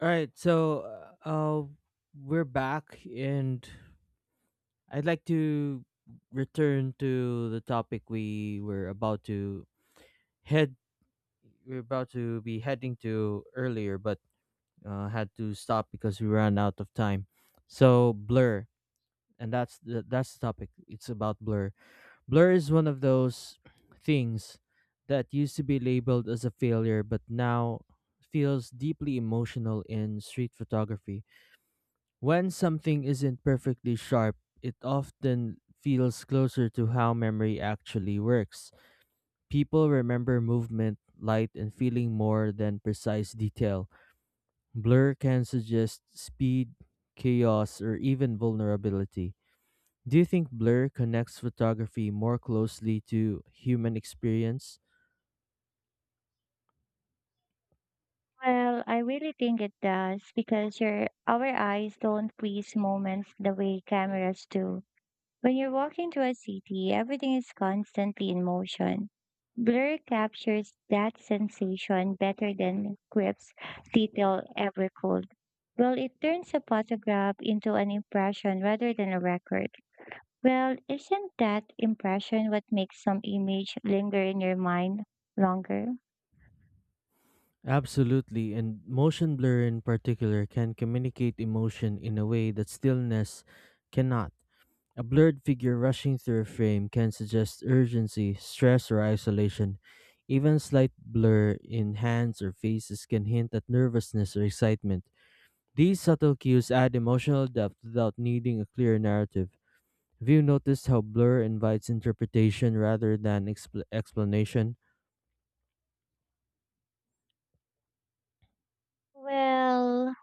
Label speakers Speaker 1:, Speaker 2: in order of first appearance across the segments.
Speaker 1: All right, so uh, uh, we're back, and I'd like to return to the topic we were about to head. be heading to earlier, but had to stop because we ran out of time. So blur, and that's the topic. It's about blur. Blur is one of those things that used to be labeled as a failure, but now feels deeply emotional in street photography. When something isn't perfectly sharp, it often feels closer to how memory actually works. People remember movement, light, and feeling more than precise detail. Blur can suggest speed, chaos, or even vulnerability. Do you think blur connects photography more closely to human experience?
Speaker 2: Well, I really think it does because your our eyes don't freeze moments the way cameras do. When you're walking to a city, everything is constantly in motion. Blur captures that sensation better than crisp, detail ever could. Well, it turns a photograph into an impression rather than a record. Well, isn't that impression what makes some image linger in your mind longer?
Speaker 1: Absolutely, and motion blur in particular can communicate emotion in a way that stillness cannot. A blurred figure rushing through a frame can suggest urgency, stress, or isolation. Even slight blur in hands or faces can hint at nervousness or excitement. These subtle cues add emotional depth without needing a clear narrative. Have you noticed how blur invites interpretation rather than explanation?
Speaker 2: Well,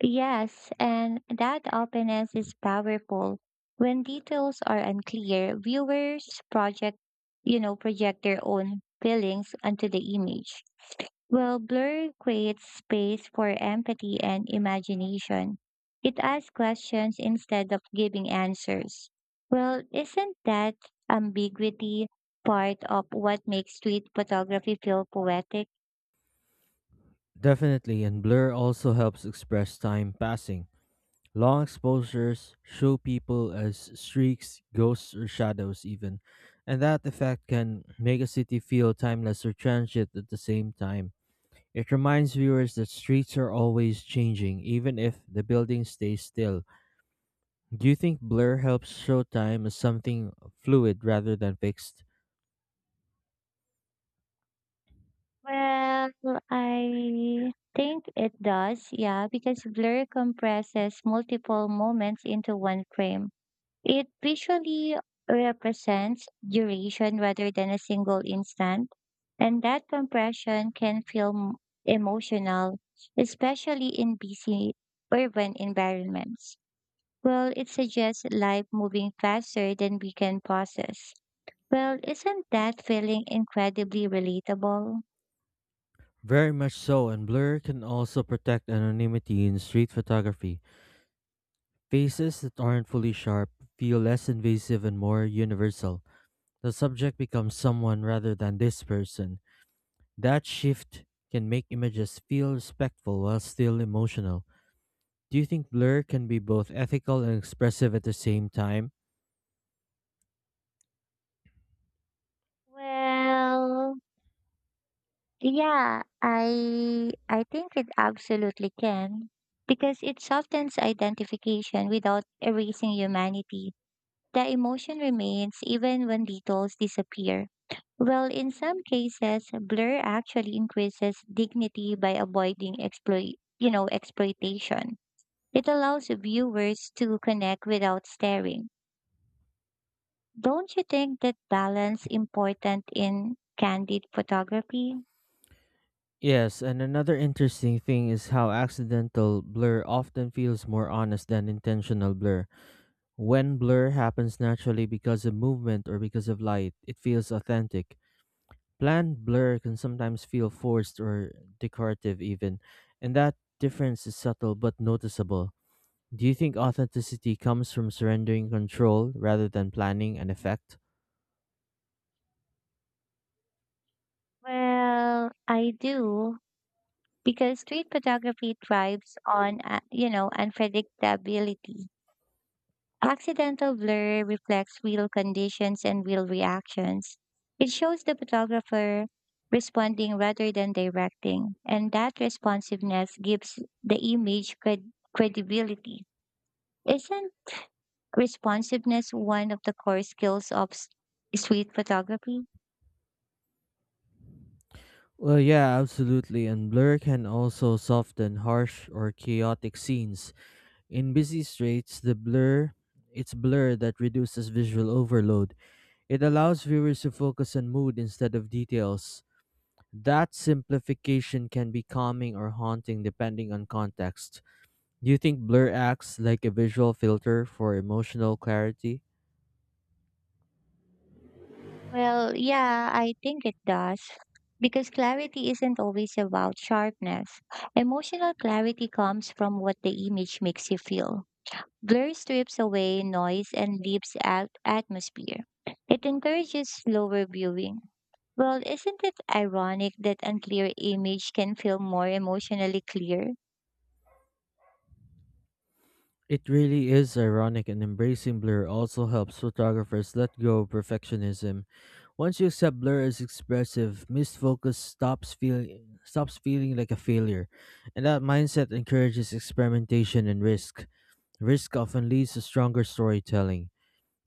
Speaker 2: Yes, and that openness is powerful. When details are unclear, viewers project, project their own feelings onto the image. Well, blur creates space for empathy and imagination. It asks questions instead of giving answers. Well, isn't that ambiguity part of what makes street photography feel poetic?
Speaker 1: Definitely, and blur also helps express time passing. Long exposures show people as streaks, ghosts, or shadows, even, and that effect can make a city feel timeless or transient at the same time. It reminds viewers that streets are always changing, even if the buildings stay still. Do you think blur helps show time as something fluid rather than fixed?
Speaker 2: Well, I think it does, yeah, because blur compresses multiple moments into one frame. It visually represents duration rather than a single instant, and that compression can feel emotional, especially in busy urban environments. Well, it suggests life moving faster than we can process. Well, isn't that feeling incredibly relatable?
Speaker 1: Very much so, and blur can also protect anonymity in street photography. Faces that aren't fully sharp feel less invasive and more universal. The subject becomes someone rather than this person. That shift can make images feel respectful while still emotional. Do you think blur can be both ethical and expressive at the same time?
Speaker 2: Well, yeah, I think it absolutely can because it softens identification without erasing humanity. The emotion remains even when details disappear. Well, in some cases, blur actually increases dignity by avoiding exploitation. It allows viewers to connect without staring. Don't you think that balance important in candid photography?
Speaker 1: Yes, and another interesting thing is how accidental blur often feels more honest than intentional blur. When blur happens naturally because of movement or because of light, it feels authentic. Planned blur can sometimes feel forced or decorative, even, and that difference is subtle but noticeable. Do you think authenticity comes from surrendering control rather than planning an effect?
Speaker 2: Well, I do because street photography thrives on, unpredictability. Accidental blur reflects real conditions and real reactions. It shows the photographer responding rather than directing, and that responsiveness gives the image credibility. Isn't responsiveness one of the core skills of street photography?
Speaker 1: Well, yeah, absolutely. And blur can also soften harsh or chaotic scenes. In busy streets, the blur it's blur that reduces visual overload. It allows viewers to focus on mood instead of details. That simplification can be calming or haunting depending on context. Do you think blur acts like a visual filter for emotional clarity?
Speaker 2: Well, yeah, I think it does. Because clarity isn't always about sharpness. Emotional clarity comes from what the image makes you feel. Blur strips away noise and leaves out atmosphere. It encourages slower viewing. Well, isn't it ironic that unclear image can feel more emotionally clear?
Speaker 1: It really is ironic, and embracing blur also helps photographers let go of perfectionism. Once you accept blur as expressive, missed focus stops feeling like a failure, and that mindset encourages experimentation and risk. Risk often leads to stronger storytelling.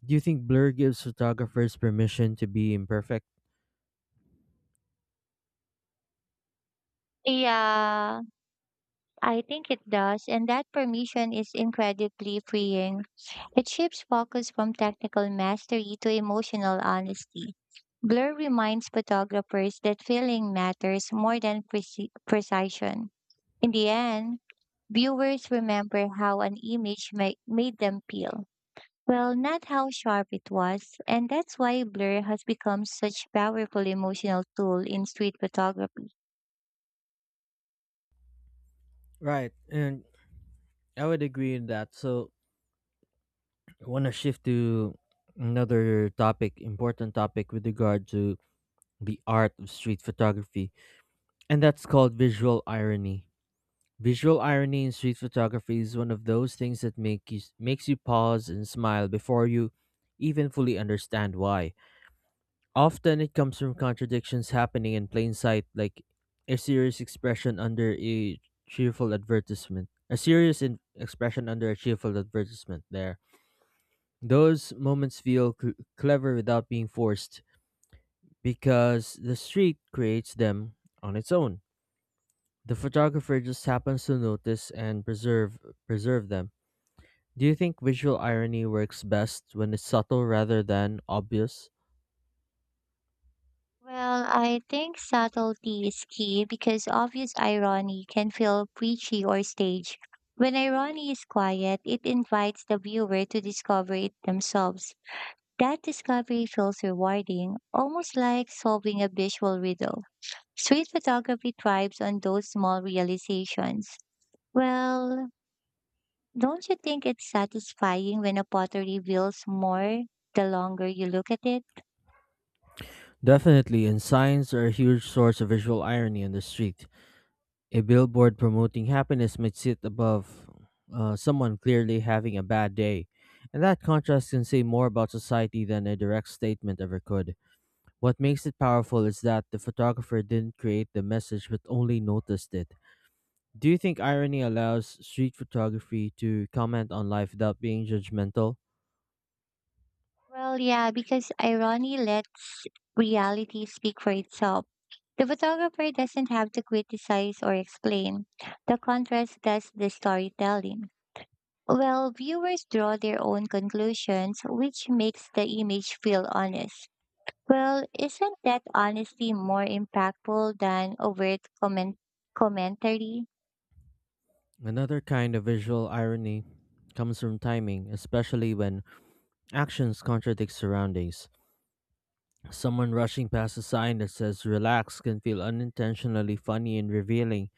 Speaker 1: Do you think blur gives photographers permission to be imperfect?
Speaker 2: Yeah, I think it does, and that permission is incredibly freeing. It shifts focus from technical mastery to emotional honesty. Blur reminds photographers that feeling matters more than precision. In the end, viewers remember how an image made them feel. Well, not how sharp it was, and that's why blur has become such powerful emotional tool in street photography.
Speaker 1: Right, and I would agree in that. So, I want to shift to another topic, important topic with regard to the art of street photography, and that's called visual irony. Visual irony in street photography is one of those things that makes you pause and smile before you even fully understand why. Often it comes from contradictions happening in plain sight, like a serious expression under a cheerful advertisement. A serious expression under a cheerful advertisement there. Those moments feel clever without being forced because the street creates them on its own. The photographer just happens to notice and preserve them. Do you think visual irony works best when it's subtle rather than obvious?
Speaker 2: Well, I think subtlety is key because obvious irony can feel preachy or staged. When irony is quiet, it invites the viewer to discover it themselves. That discovery feels rewarding, almost like solving a visual riddle. Street photography thrives on those small realizations. Well, don't you think it's satisfying when a potter reveals more the longer you look at it?
Speaker 1: Definitely, and signs are a huge source of visual irony on the street. A billboard promoting happiness might sit above someone clearly having a bad day, and that contrast can say more about society than a direct statement ever could. What makes it powerful is that the photographer didn't create the message but only noticed it. Do you think irony allows street photography to comment on life without being judgmental?
Speaker 2: Well, yeah, because irony lets reality speak for itself. The photographer doesn't have to criticize or explain. The contrast does the storytelling. Well, viewers draw their own conclusions, which makes the image feel honest. Well, isn't that honesty more impactful than overt commentary?
Speaker 1: Another kind of visual irony comes from timing, especially when actions contradict surroundings. Someone rushing past a sign that says relax can feel unintentionally funny and revealing.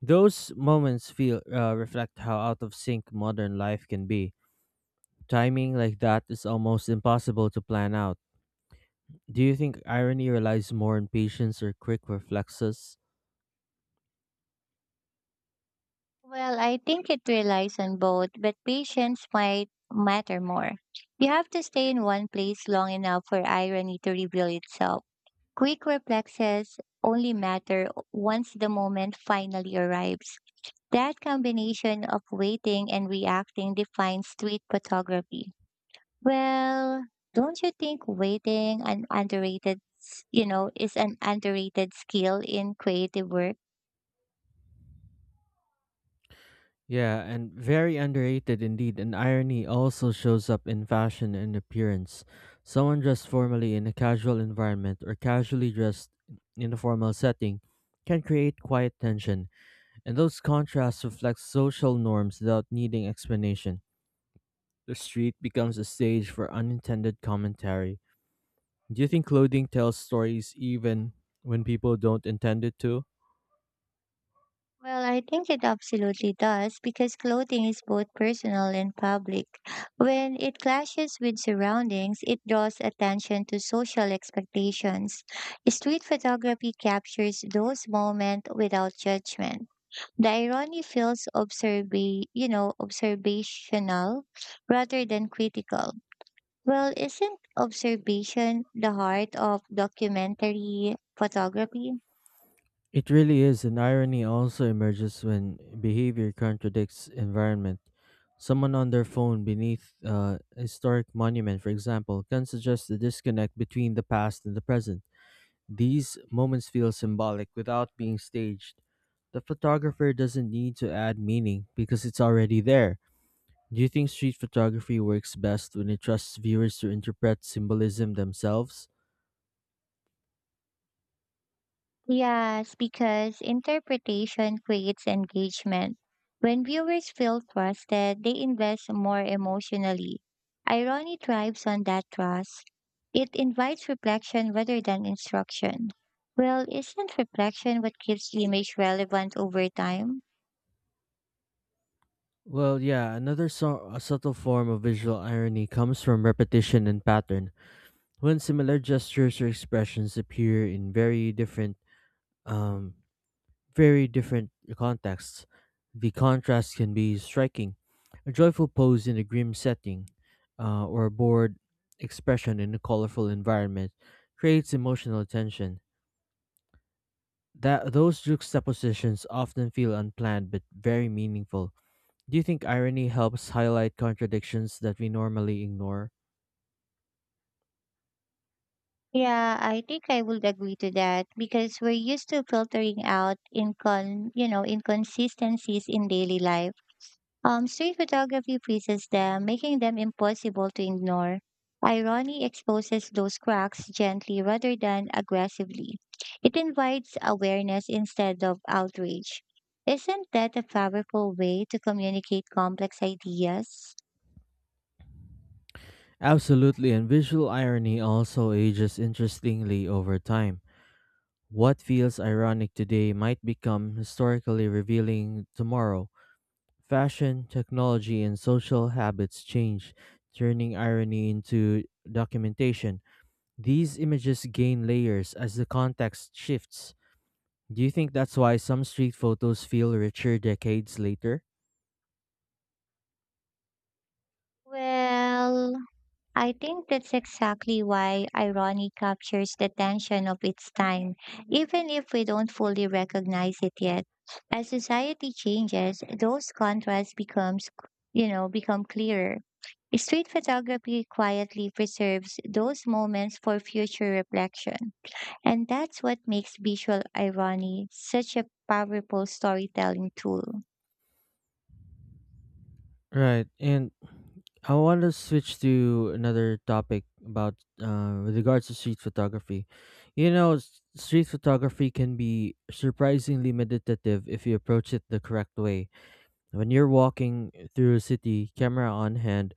Speaker 1: Those moments feel reflect how out of sync modern life can be. Timing like that is almost impossible to plan out. Do you think irony relies more on patience or quick reflexes?
Speaker 2: Well, I think it relies on both, but patience might matter more. You have to stay in one place long enough for irony to reveal itself. Quick reflexes only matter once the moment finally arrives. That combination of waiting and reacting defines street photography. Well, don't you think waiting an underrated, s- you know, is an underrated skill in creative work?
Speaker 1: Yeah, and very underrated indeed. And irony also shows up in fashion and appearance. Someone dressed formally in a casual environment or casually dressed in a formal setting can create quiet tension, and those contrasts reflect social norms without needing explanation. The street becomes a stage for unintended commentary. Do you think clothing tells stories even when people don't intend it to?
Speaker 2: Well, I think it absolutely does because clothing is both personal and public. When it clashes with surroundings, it draws attention to social expectations. Street photography captures those moments without judgment. The irony feels observational rather than critical. Well, isn't observation the heart of documentary photography?
Speaker 1: It really is, and irony also emerges when behavior contradicts environment. Someone on their phone beneath a historic monument, for example, can suggest the disconnect between the past and the present. These moments feel symbolic without being staged. The photographer doesn't need to add meaning because it's already there. Do you think street photography works best when it trusts viewers to interpret symbolism themselves?
Speaker 2: Yes, because interpretation creates engagement. When viewers feel trusted, they invest more emotionally. Irony thrives on that trust. It invites reflection rather than instruction. Well, isn't reflection what keeps the image relevant over time?
Speaker 1: Well, yeah, another a subtle form of visual irony comes from repetition and pattern. When similar gestures or expressions appear in um, very different contexts, the contrast can be striking. A joyful pose in a grim setting, or a bored expression in a colorful environment, creates emotional tension. That Those juxtapositions often feel unplanned but very meaningful. Do you think irony helps highlight contradictions that we normally ignore?
Speaker 2: Yeah, I think I would agree to that because we're used to filtering out inconsistencies in daily life. Street photography freezes them, making them impossible to ignore. Irony exposes those cracks gently rather than aggressively. It invites awareness instead of outrage. Isn't that a powerful way to communicate complex ideas?
Speaker 1: Absolutely, and visual irony also ages interestingly over time. What feels ironic today might become historically revealing tomorrow. Fashion, technology, and social habits change, turning irony into documentation. These images gain layers as the context shifts. Do you think that's why some street photos feel richer decades later?
Speaker 2: Well, I think that's exactly why irony captures the tension of its time, even if we don't fully recognize it yet. As society changes, those contrasts becomes, you know, become clearer. Street photography quietly preserves those moments for future reflection. And that's what makes visual irony such a powerful storytelling tool.
Speaker 1: Right. And I want to switch to another topic about with regards to street photography. You know, street photography can be surprisingly meditative if you approach it the correct way. When you're walking through a city, camera on hand,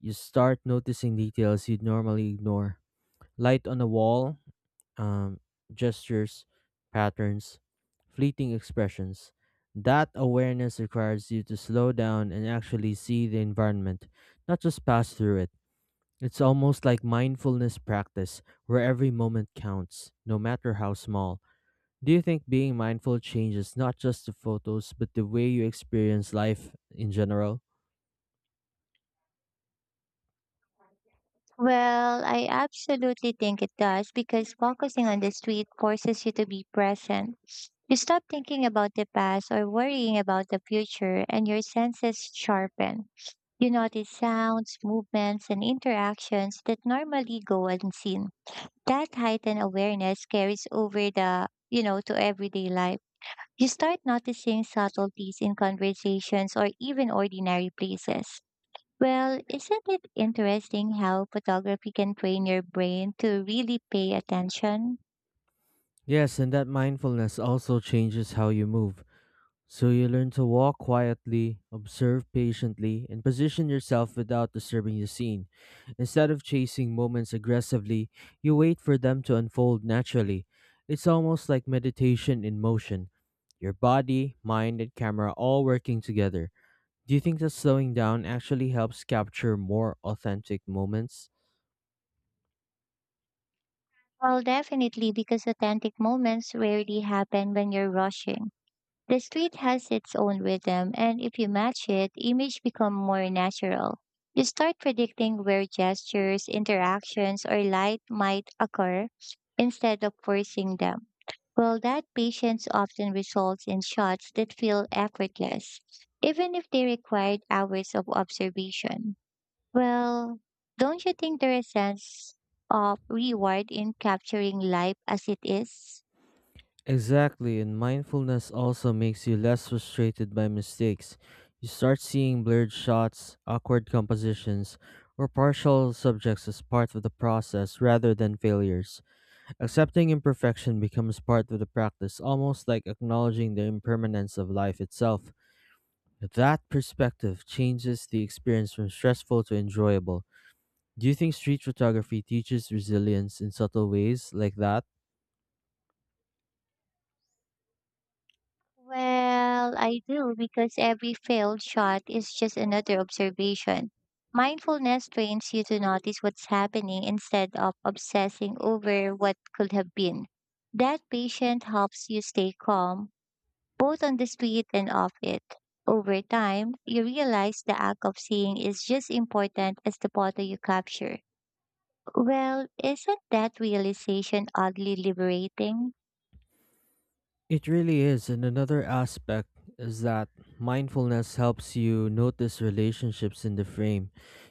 Speaker 1: you start noticing details you'd normally ignore. Light on a wall, um, gestures, patterns, fleeting expressions. That awareness requires you to slow down and actually see the environment, not just pass through it. It's almost like mindfulness practice, where every moment counts, no matter how small. Do you think being mindful changes not just the photos, but the way you experience life in general?
Speaker 2: Well, I absolutely think it does because focusing on the street forces you to be present. You stop thinking about the past or worrying about the future, and your senses sharpen. You notice sounds, movements, and interactions that normally go unseen. That heightened awareness carries over the, you know, to everyday life. You start noticing subtleties in conversations or even ordinary places. Well, isn't it interesting how photography can train your brain to really pay attention?
Speaker 1: Yes, and that mindfulness also changes how you move. So you learn to walk quietly, observe patiently, and position yourself without disturbing the scene. Instead of chasing moments aggressively, you wait for them to unfold naturally. It's almost like meditation in motion. Your body, mind, and camera all working together. Do you think that slowing down actually helps capture more authentic moments?
Speaker 2: Well, definitely, because authentic moments rarely happen when you're rushing. The street has its own rhythm, and if you match it, image become more natural. You start predicting where gestures, interactions, or light might occur instead of forcing them. Well, that patience often results in shots that feel effortless, even if they required hours of observation. Well, don't you think there is a sense of reward in capturing life as it is?
Speaker 1: Exactly, and mindfulness also makes you less frustrated by mistakes. You start seeing blurred shots, awkward compositions, or partial subjects as part of the process rather than failures. Accepting imperfection becomes part of the practice, almost like acknowledging the impermanence of life itself. That perspective changes the experience from stressful to enjoyable. Do you think street photography teaches resilience in subtle ways like that?
Speaker 2: Well, I do because every failed shot is just another observation. Mindfulness trains you to notice what's happening instead of obsessing over what could have been. That patience helps you stay calm, both on the street and off it. Over time, you realize the act of seeing is just important as the photo you capture. Well, isn't that realization oddly liberating?
Speaker 1: It really is. And another aspect is that mindfulness helps you notice relationships in the frame.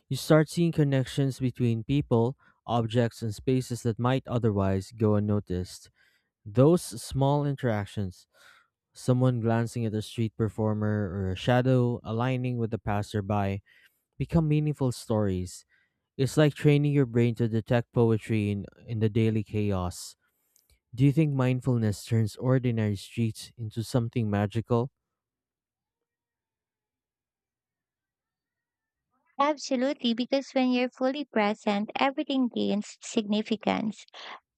Speaker 1: You start seeing connections between people, objects, and spaces that might otherwise go unnoticed. Those small interactions, someone glancing at a street performer or a shadow aligning with a passerby, become meaningful stories. It's like training your brain to detect poetry in the daily chaos. Do you think mindfulness turns ordinary streets into something magical?
Speaker 2: Absolutely, because when you're fully present, everything gains significance.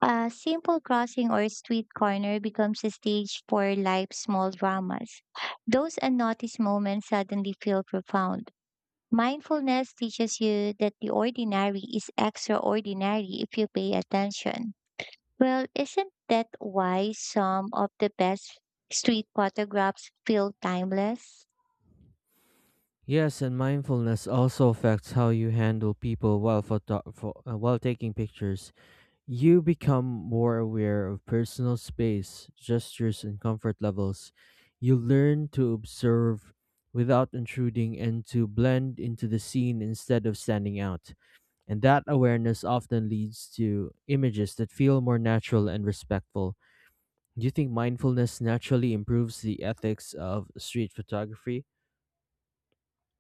Speaker 2: A simple crossing or street corner becomes a stage for life's small dramas. Those unnoticed moments suddenly feel profound. Mindfulness teaches you that the ordinary is extraordinary if you pay attention. Well, isn't that why some of the best street photographs feel timeless?
Speaker 1: Yes, and mindfulness also affects how you handle people while while taking pictures. You become more aware of personal space, gestures, and comfort levels. You learn to observe without intruding and to blend into the scene instead of standing out. And that awareness often leads to images that feel more natural and respectful. Do you think mindfulness naturally improves the ethics of street photography?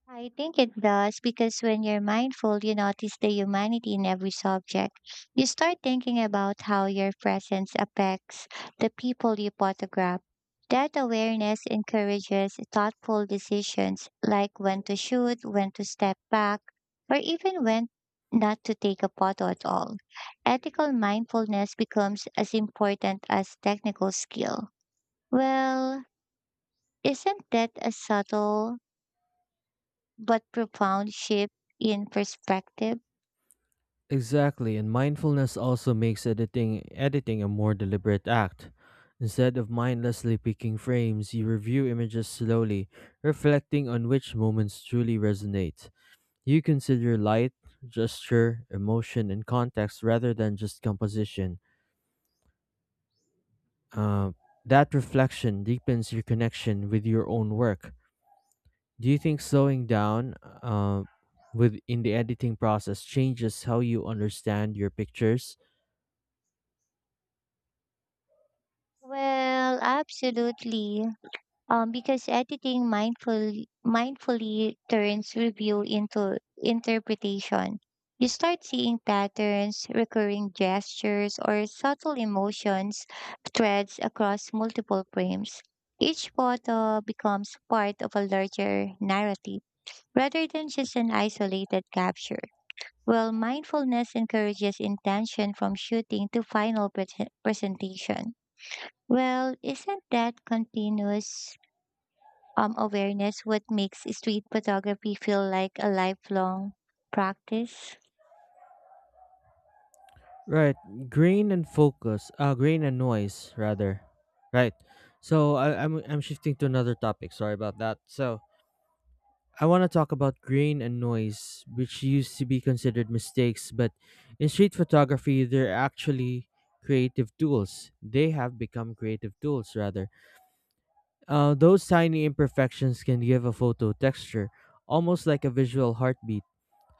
Speaker 2: I think it does because when you're mindful, you notice the humanity in every subject. You start thinking about how your presence affects the people you photograph. That awareness encourages thoughtful decisions like when to shoot, when to step back, or even when not to take a photo at all. Ethical mindfulness becomes as important as technical skill. Well, isn't that a subtle but profound shift in perspective.
Speaker 1: Exactly, and mindfulness also makes editing a more deliberate act. Instead of mindlessly picking frames, you review images slowly, reflecting on which moments truly resonate. You consider light, gesture, emotion, and context rather than just composition. Uh, that reflection deepens your connection with your own work. Do you think slowing down uh, with in the editing process changes how you understand your pictures?
Speaker 2: Well, absolutely. Because editing mindfully turns review into interpretation. You start seeing patterns, recurring gestures, or subtle emotions threads across multiple frames. Each photo becomes part of a larger narrative, rather than just an isolated capture. Well, mindfulness encourages intention from shooting to final presentation. Well, isn't that continuous awareness what makes street photography feel like a lifelong practice?
Speaker 1: Right, grain and focus, grain and noise rather. Right. So I'm shifting to another topic. Sorry about that. So I want to talk about grain and noise, which used to be considered mistakes, but in street photography, they're actually creative tools. They have become creative tools, rather. Those tiny imperfections can give a photo texture, almost like a visual heartbeat.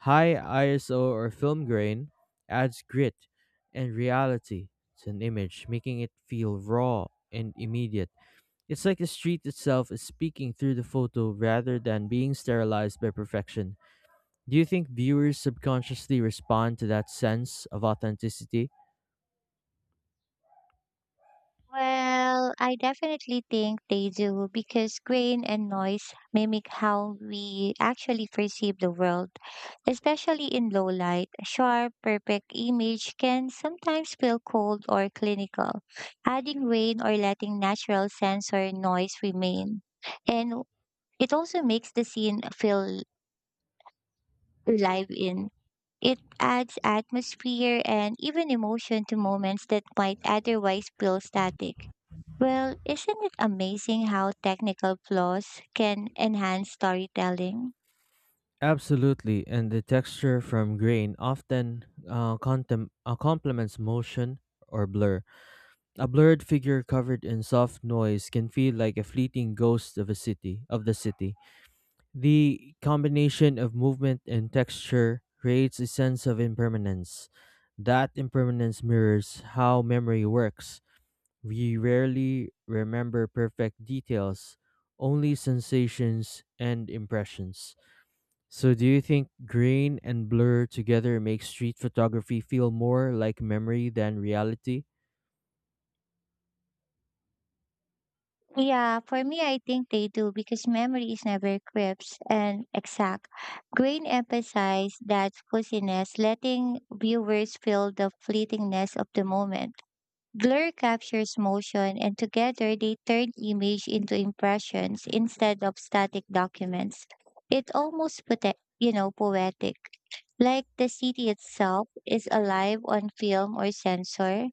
Speaker 1: High ISO or film grain adds grit and reality to an image, making it feel raw and immediate. It's like the street itself is speaking through the photo rather than being sterilized by perfection. Do you think viewers subconsciously respond to that sense of authenticity?
Speaker 2: Well, I definitely think they do because grain and noise mimic how we actually perceive the world, especially in low light. A sharp, perfect image can sometimes feel cold or clinical, adding rain or letting natural sensor noise remain. And it also makes the scene feel live in. It adds atmosphere and even emotion to moments that might otherwise feel static. Well, isn't it amazing how technical flaws can enhance storytelling?
Speaker 1: Absolutely, and the texture from grain often complements motion or blur. A blurred figure covered in soft noise can feel like a fleeting ghost of the city. The combination of movement and texture creates a sense of impermanence. That impermanence mirrors how memory works. We rarely remember perfect details, only sensations and impressions. So, do you think grain and blur together make street photography feel more like memory than reality?
Speaker 2: Yeah, for me, I think they do because memory is never crisp and exact. Grain emphasized that fuzziness, letting viewers feel the fleetingness of the moment. Blur captures motion and together they turn image into impressions instead of static documents. It almost poetic. Like the city itself is alive on film or sensor.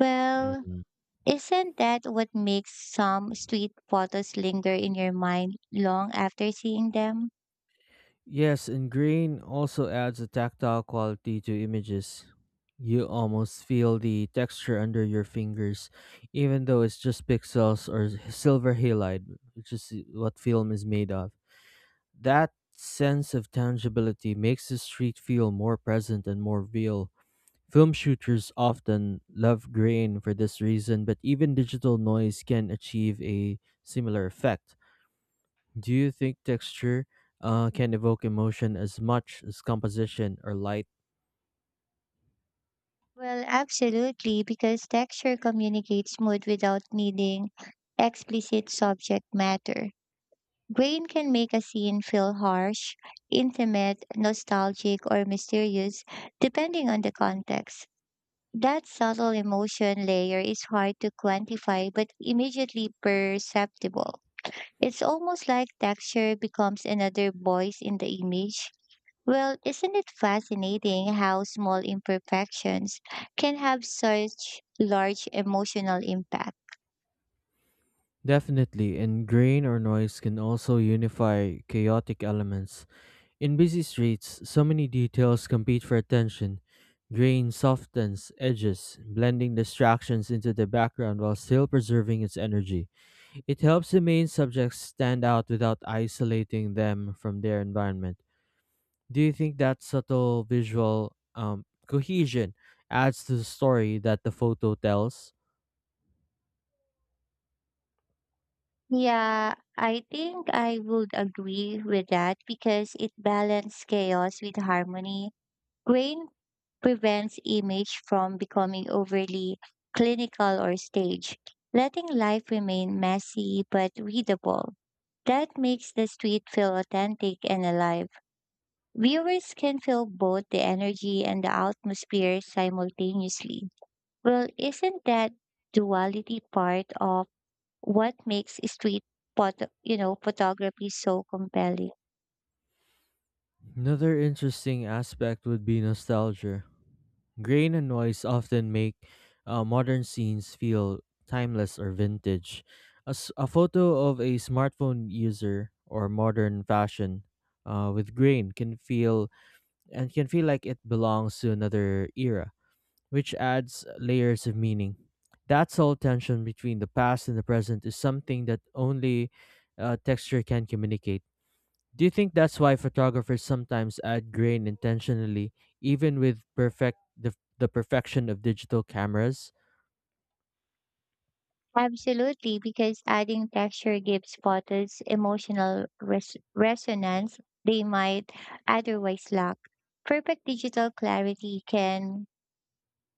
Speaker 2: Well,
Speaker 1: Mhm.
Speaker 2: isn't that what makes some street photos linger in your mind long after seeing them?
Speaker 1: Yes, and green also adds a tactile quality to images. You almost feel the texture under your fingers, even though it's just pixels or silver halide, which is what film is made of. That sense of tangibility makes the street feel more present and more real. Film shooters often love grain for this reason, but even digital noise can achieve a similar effect. Do you think texture can evoke emotion as much as composition or light?
Speaker 2: Well, absolutely, because texture communicates mood without needing explicit subject matter. Grain can make a scene feel harsh, intimate, nostalgic, or mysterious, depending on the context. That subtle emotion layer is hard to quantify but immediately perceptible. It's almost like texture becomes another voice in the image. Well, isn't it fascinating how small imperfections can have such large emotional impact?
Speaker 1: Definitely, and grain or noise can also unify chaotic elements. In busy streets, so many details compete for attention. Grain softens edges, blending distractions into the background while still preserving its energy. It helps the main subjects stand out without isolating them from their environment. Do you think that subtle visual cohesion adds to the story that the photo tells?
Speaker 2: Yeah, I think I would agree with that because it balances chaos with harmony. Grain prevents image from becoming overly clinical or staged, letting life remain messy but readable. That makes the street feel authentic and alive. Viewers can feel both the energy and the atmosphere simultaneously. Well, isn't that duality part of what makes street photography so compelling.
Speaker 1: Another interesting aspect would be nostalgia. Grain and noise often make modern scenes feel timeless or vintage. A photo of a smartphone user or modern fashion with grain can feel like it belongs to another era, which adds layers of meaning. That soul tension between the past and the present is something that only texture can communicate. Do you think that's why photographers sometimes add grain intentionally, even with the perfection of digital cameras?
Speaker 2: Absolutely, because adding texture gives photos emotional resonance they might otherwise lack. Perfect digital clarity can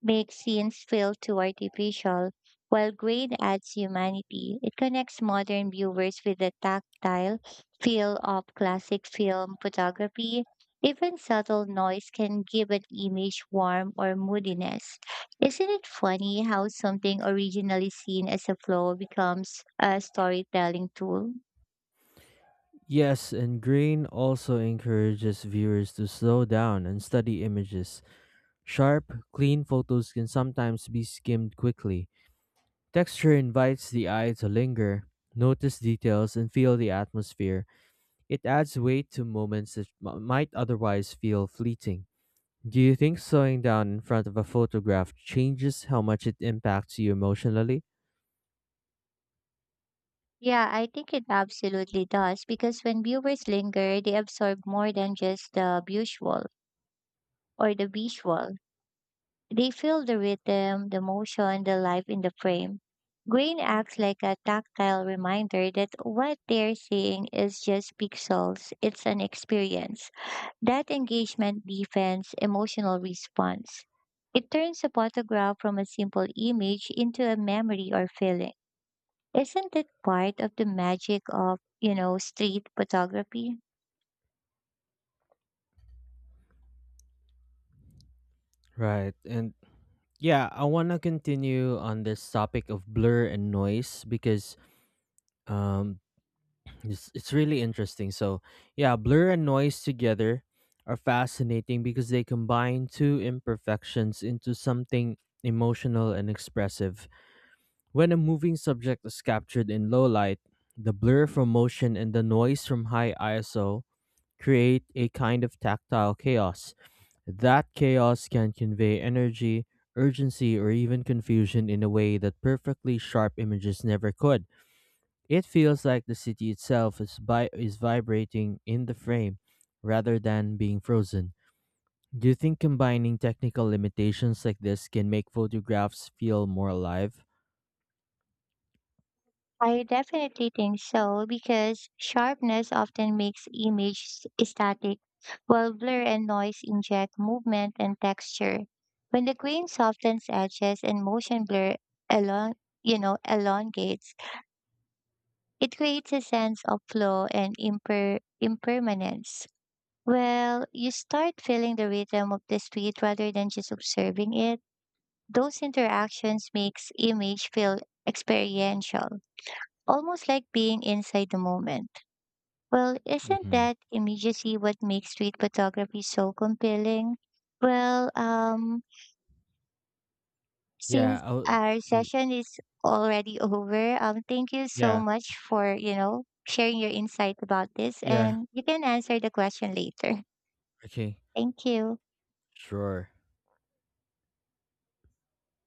Speaker 2: make scenes feel too artificial, while grade adds humanity. It connects modern viewers with the tactile feel of classic film photography. Even subtle noise can give an image warmth or moodiness. Isn't it funny how something originally seen as a flaw becomes a storytelling tool?
Speaker 1: Yes, and grain also encourages viewers to slow down and study images. Sharp, clean photos can sometimes be skimmed quickly. Texture invites the eye to linger, notice details, and feel the atmosphere. It adds weight to moments that might otherwise feel fleeting. Do you think slowing down in front of a photograph changes how much it impacts you emotionally?
Speaker 2: Yeah, I think it absolutely does because when viewers linger, they absorb more than just the visual or the visual. They feel the rhythm, the motion, the life in the frame. Grain acts like a tactile reminder that what they're seeing is just pixels, it's an experience. That engagement deepens emotional response. It turns a photograph from a simple image into a memory or feeling. Isn't it part of the magic of, street photography?
Speaker 1: Right. And yeah, I want to continue on this topic of blur and noise because um, it's really interesting. So yeah, blur and noise together are fascinating because they combine two imperfections into something emotional and expressive. When a moving subject is captured in low light, the blur from motion and the noise from high ISO create a kind of tactile chaos. That chaos can convey energy, urgency, or even confusion in a way that perfectly sharp images never could. It feels like the city itself is vibrating in the frame rather than being frozen. Do you think combining technical limitations like this can make photographs feel more alive?
Speaker 2: I definitely think so because sharpness often makes image static, while blur and noise inject movement and texture. When the grain softens edges and motion blur elong- elongates, it creates a sense of flow and impermanence. Well, you start feeling the rhythm of the street rather than just observing it. Those interactions makes image feel experiential, almost like being inside the moment. Well, isn't
Speaker 1: Mm-hmm.
Speaker 2: that immediacy what makes street photography so compelling? Well,
Speaker 1: Yeah.
Speaker 2: since
Speaker 1: Oh,
Speaker 2: our session is already over, thank you so
Speaker 1: yeah.
Speaker 2: much for, sharing your insight about this
Speaker 1: Yeah.
Speaker 2: and you can answer the question later.
Speaker 1: Okay.
Speaker 2: Thank you.
Speaker 1: Sure.